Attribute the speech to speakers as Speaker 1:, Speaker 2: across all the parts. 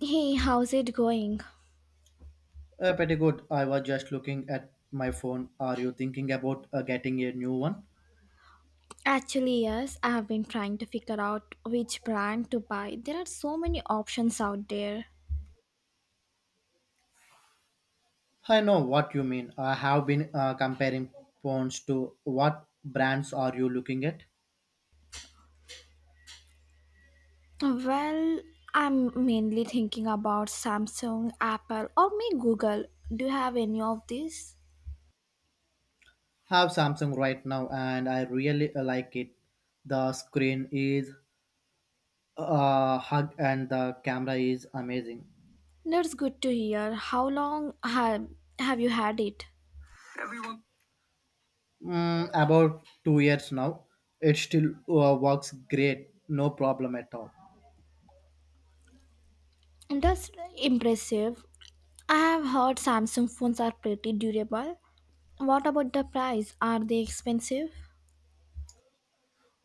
Speaker 1: Hey, how's it going?
Speaker 2: Pretty good. I was just looking at my phone. Are you thinking about getting a new one?
Speaker 1: Actually, yes, I have been trying to figure out which brand to buy. There are so many options out there.
Speaker 2: I know what you mean. I have been comparing phones to what brands are you looking at?
Speaker 1: Well, I'm mainly thinking about Samsung, Apple, or maybe Google. Do you have any of these?
Speaker 2: I Have Samsung right now, and I really like it. The screen is hug, and the camera is amazing.
Speaker 1: That's good to hear. Have you had it?
Speaker 2: About 2 years now, it still works great. No problem at all.
Speaker 1: That's impressive. I have heard Samsung phones are pretty durable. What about the price? Are they expensive?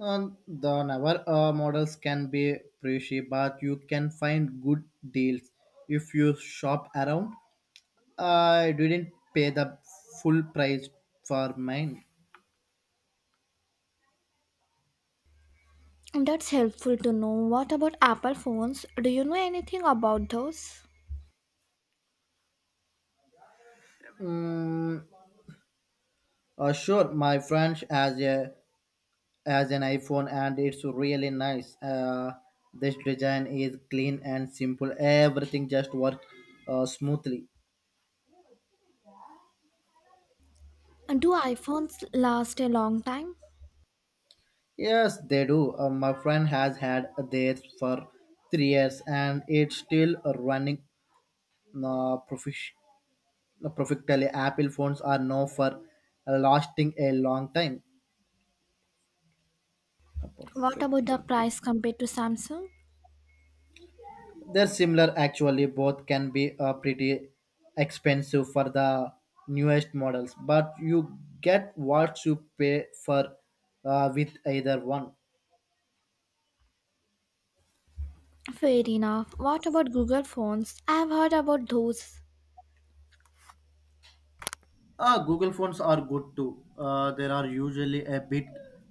Speaker 2: The newer models can be pricey, but you can find good deals if you shop around. I didn't pay the full price for mine.
Speaker 1: That's helpful to know. What about Apple phones? Do you know anything about those?
Speaker 2: Mm, sure, my friend has an iPhone and it's really nice. This design is clean and simple. Everything just works smoothly.
Speaker 1: And do iPhones last a long time?
Speaker 2: Yes, they do. My friend has had theirs for 3 years and it's still running uh, profish- perfectly. Apple phones are known for lasting a long time.
Speaker 1: What about the
Speaker 2: Perfectly. Okay.
Speaker 1: price compared to Samsung?
Speaker 2: They're similar actually. Both can be pretty expensive for the newest models, but you get what you pay for with either one.
Speaker 1: Fair enough. What about Google phones? I have heard about those.
Speaker 2: Google phones are good too. They are usually a bit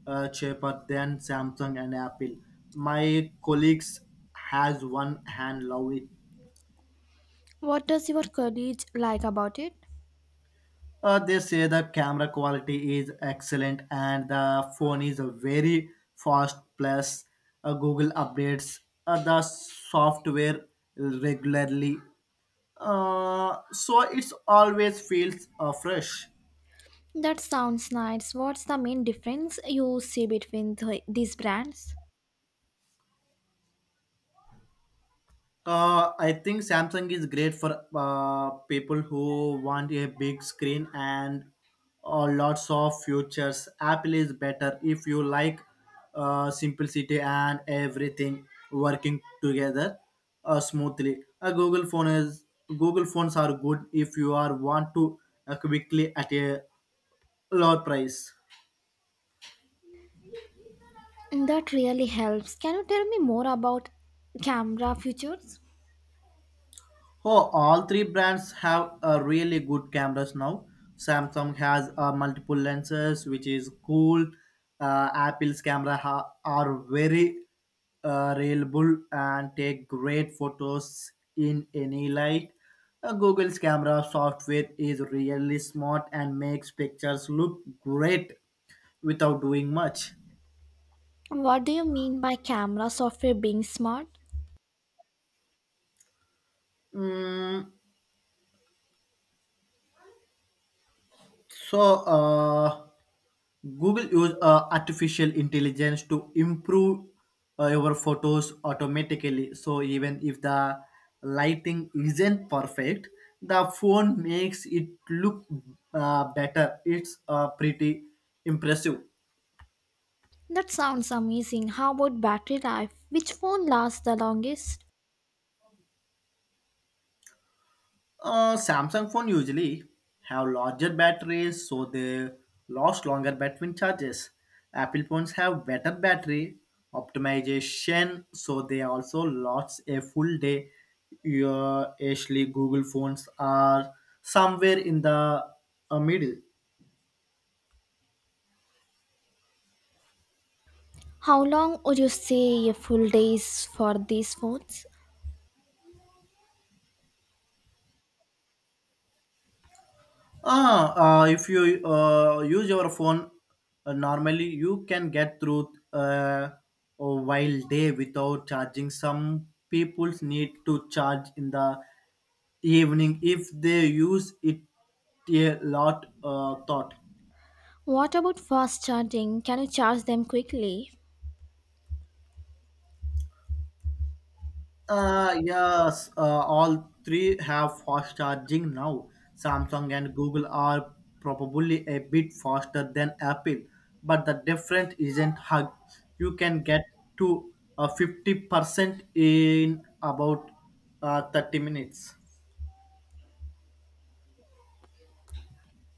Speaker 2: cheaper than Samsung and Apple. My colleagues has one hand love it.
Speaker 1: What does your colleague like about it?
Speaker 2: They say the camera quality is excellent and the phone is a very fast. Plus, Google updates the software regularly, so it's always feels fresh.
Speaker 1: That sounds nice. What's the main difference you see between these brands?
Speaker 2: I think Samsung is great for people who want a big screen and lots of features. Apple is better if you like simplicity and everything working together smoothly. A Google phone is Google phones are good if you are want to quickly at a lower price.
Speaker 1: That really helps. Can you tell me more about camera features?
Speaker 2: Oh, all three brands have really good cameras now. Samsung has multiple lenses, which is cool. Apple's camera are very reliable and take great photos in any light. Google's camera software is really smart and makes pictures look great without doing much.
Speaker 1: What do you mean by camera software being smart?
Speaker 2: Mm, So, uh, Google use artificial intelligence to improve your photos automatically. So even if the lighting isn't perfect, the phone makes it look better. It's pretty impressive.
Speaker 1: That sounds amazing. How about battery life? Which phone lasts the longest?
Speaker 2: Samsung phone usually have larger batteries, so they last longer between charges. Apple phones have better battery optimization, so they also last a full day. Your actually Google phones are somewhere in the middle.
Speaker 1: How long would you say a full day is for these phones?
Speaker 2: If you use your phone normally, you can get through a while day without charging. Some people need to charge in the evening if they use it a lot. Thought.
Speaker 1: What about fast charging? Can you charge them quickly?
Speaker 2: Yes, all three have fast charging now. Samsung and Google are probably a bit faster than Apple, but the difference isn't hug. You can get to 50% in about 30 minutes.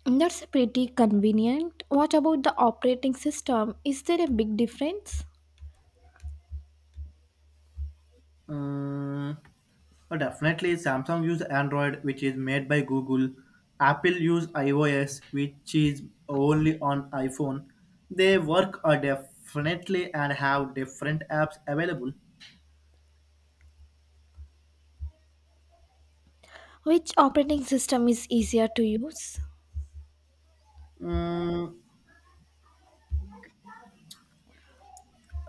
Speaker 1: That's pretty convenient. What about the operating system? Is there a big difference?
Speaker 2: Mm, well, definitely, Samsung use Android, which is made by Google. Apple use iOS, which is only on iPhone. They work definitely and have different apps available.
Speaker 1: Which operating system is easier to use?
Speaker 2: Mm,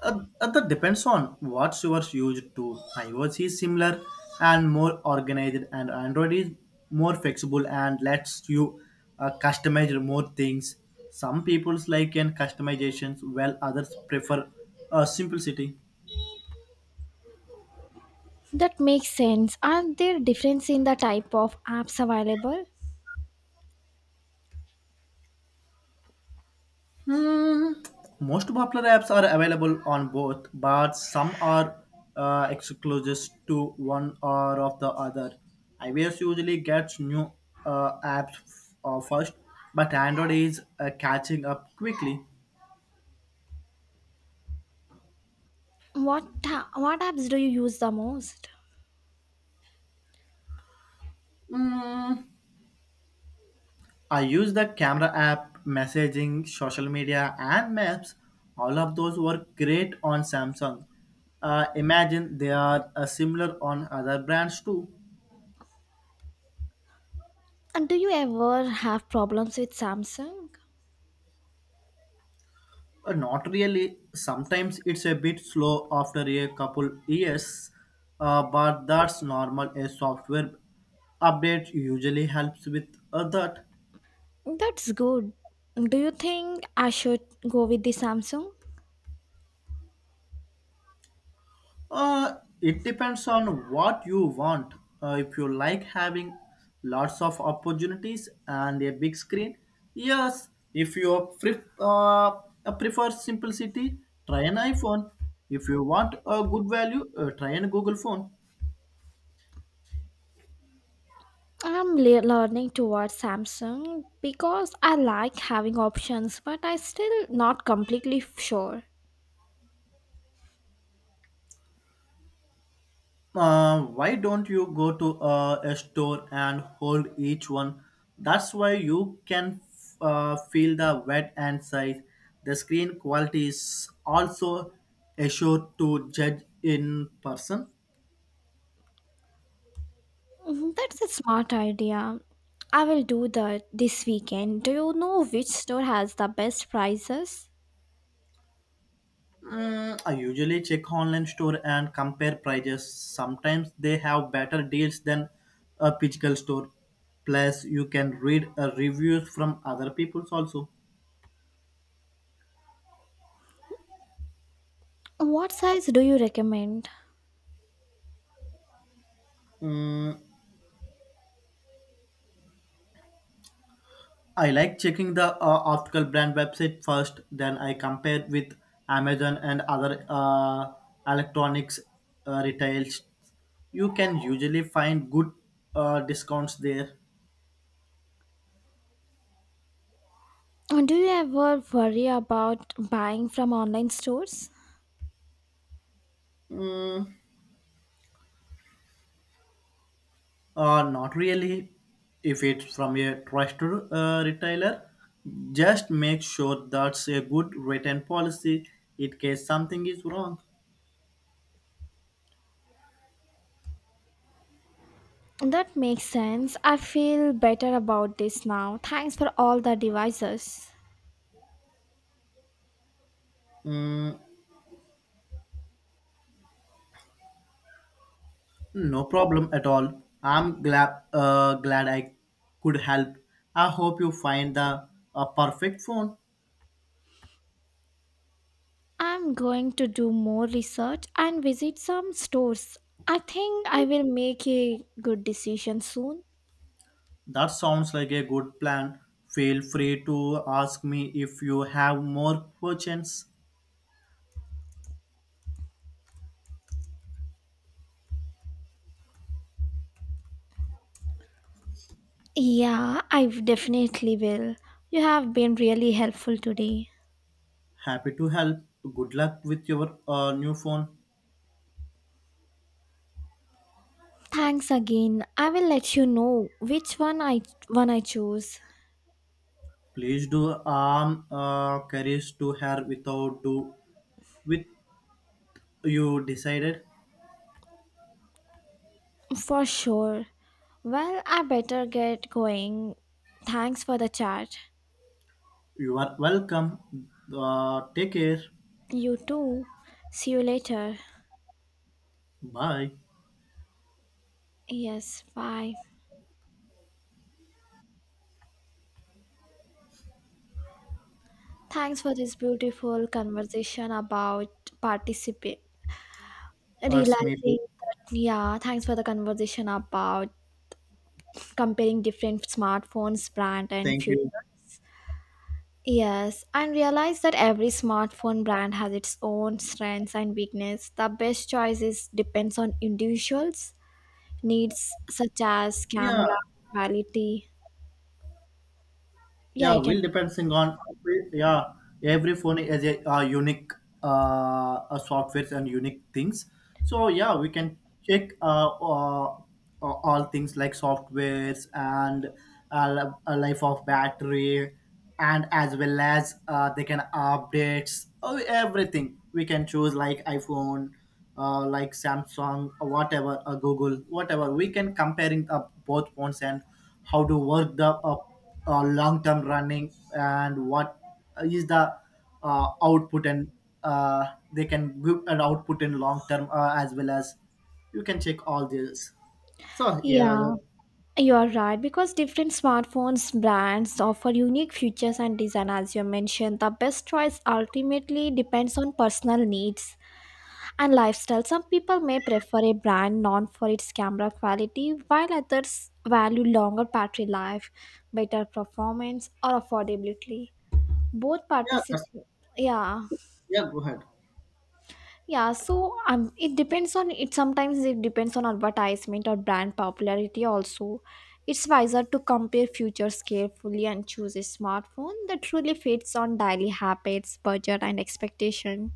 Speaker 2: That depends on what you are used to. iOS is similar and more organized, and Android is more flexible and lets you customize more things. Some people like in customizations, while others prefer simplicity.
Speaker 1: That makes sense. Are there difference in the type of apps available?
Speaker 2: Hmm, Most popular apps are available on both, but some are exclusive to one or of the other. iOS usually gets new apps first, but Android is catching up quickly.
Speaker 1: What apps do you use the most?
Speaker 2: Hmm, I use the camera app, messaging, social media, and maps. All of those work great on Samsung. Imagine they are similar on other brands too.
Speaker 1: And do you ever have problems with Samsung?
Speaker 2: Not really. Sometimes it's a bit slow after a couple years, but that's normal. A software update usually helps with that.
Speaker 1: That's good. Do you think I should go with the Samsung?
Speaker 2: It depends on what you want. If you like having lots of opportunities and a big screen, yes. If you prefer simplicity, try an iPhone. If you want a good value, try an Google phone.
Speaker 1: I'm learning towards Samsung because I like having options, but I still not completely sure.
Speaker 2: Why don't you go to a store and hold each one? That's why you can feel the weight and size. The screen quality is also assured to judge in person.
Speaker 1: Mhm, that's a smart idea. I will do that this weekend. Do you know which store has the best prices?
Speaker 2: I usually check online store and compare prices. Sometimes they have better deals than a physical store. Plus, you can read reviews from other people's also.
Speaker 1: What size do you recommend?
Speaker 2: Mm, I like checking the article brand website first, then I compare with Amazon and other electronics retails. You can usually find good discounts there.
Speaker 1: And do you ever worry about buying from online stores?
Speaker 2: Not really if it's from a trusted retailer. Just make sure that's a good written policy in case something is wrong.
Speaker 1: That makes sense. I feel better about this now. Thanks for all the devices.
Speaker 2: Mm, No problem at all. I'm glad Glad I could help. I hope you find the perfect phone.
Speaker 1: I'm going to do more research and visit some stores. I think I will make a good decision soon.
Speaker 2: That sounds like a good plan. Feel free to ask me if you have more questions.
Speaker 1: Yeah, I definitely will. You have been really helpful today.
Speaker 2: Happy to help. Good luck with your new phone.
Speaker 1: Thanks again. I will let you know which one I choose
Speaker 2: Please do arm carries to her without do with you decided.
Speaker 1: for sure. Well, I better get going. Thanks for the chat.
Speaker 2: You are welcome. Take care.
Speaker 1: You too. See you later.
Speaker 2: Bye.
Speaker 1: Yes, bye. Thanks for this beautiful conversation about participate.
Speaker 2: That's me. Too.
Speaker 1: Realizing that, yeah, thanks for the conversation about comparing different smartphones, brand, and
Speaker 2: Thank
Speaker 1: future.
Speaker 2: you.
Speaker 1: Yes, and realize that every smartphone brand has its own strengths and weakness. The best choices depends on individuals' needs such as
Speaker 2: Yeah.
Speaker 1: camera, quality. Yeah,
Speaker 2: Yeah,
Speaker 1: you can.
Speaker 2: will depending on yeah every phone is a, unique uh, softwares and unique things. So yeah, we can check all things like softwares and life of battery and as well as they can updates oh, everything we can choose like iphone like samsung or whatever or google whatever we can comparing up both phones and how to work the long term running and what is the output and uh, they can give an output in long term as well as you can check all this so yeah yeah
Speaker 1: Yeah. You are right because different smartphones brands offer unique features and design as you mentioned. The best choice ultimately depends on personal needs and lifestyle. Some people may prefer a brand known for its camera quality while others value longer battery life, better performance or affordability. Both
Speaker 2: yeah,
Speaker 1: participate yeah
Speaker 2: yeah go ahead.
Speaker 1: yeah, so it depends on it. Sometimes it depends on advertisement or brand popularity. Also, it's wiser to compare features carefully and choose a smartphone that truly fits on daily habits, budget, and expectation.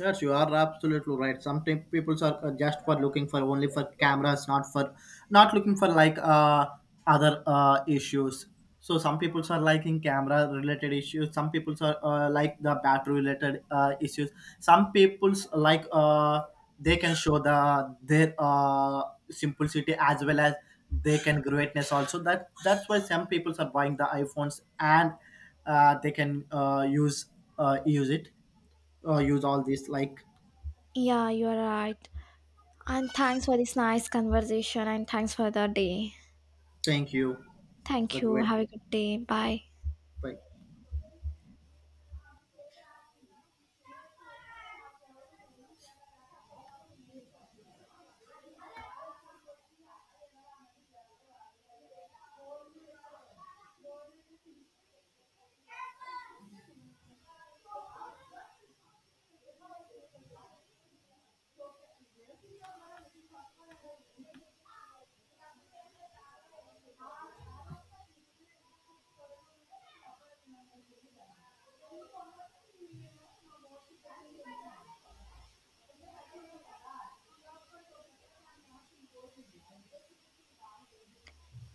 Speaker 2: Yes, you are absolutely right. Sometimes people are just for looking for only for cameras, not looking for like other issues. So some people are liking camera related issues. Some people are like the battery related issues. Some people's like they can show the their simplicity as well as they can greatness also. That's why some people are buying the iPhones and they can use use it use all this like
Speaker 1: Yeah, you are right. And thanks for this nice conversation. And thanks for the day.
Speaker 2: thank you
Speaker 1: Thank
Speaker 2: the
Speaker 1: you.
Speaker 2: great
Speaker 1: Have a good day. Bye.
Speaker 2: bye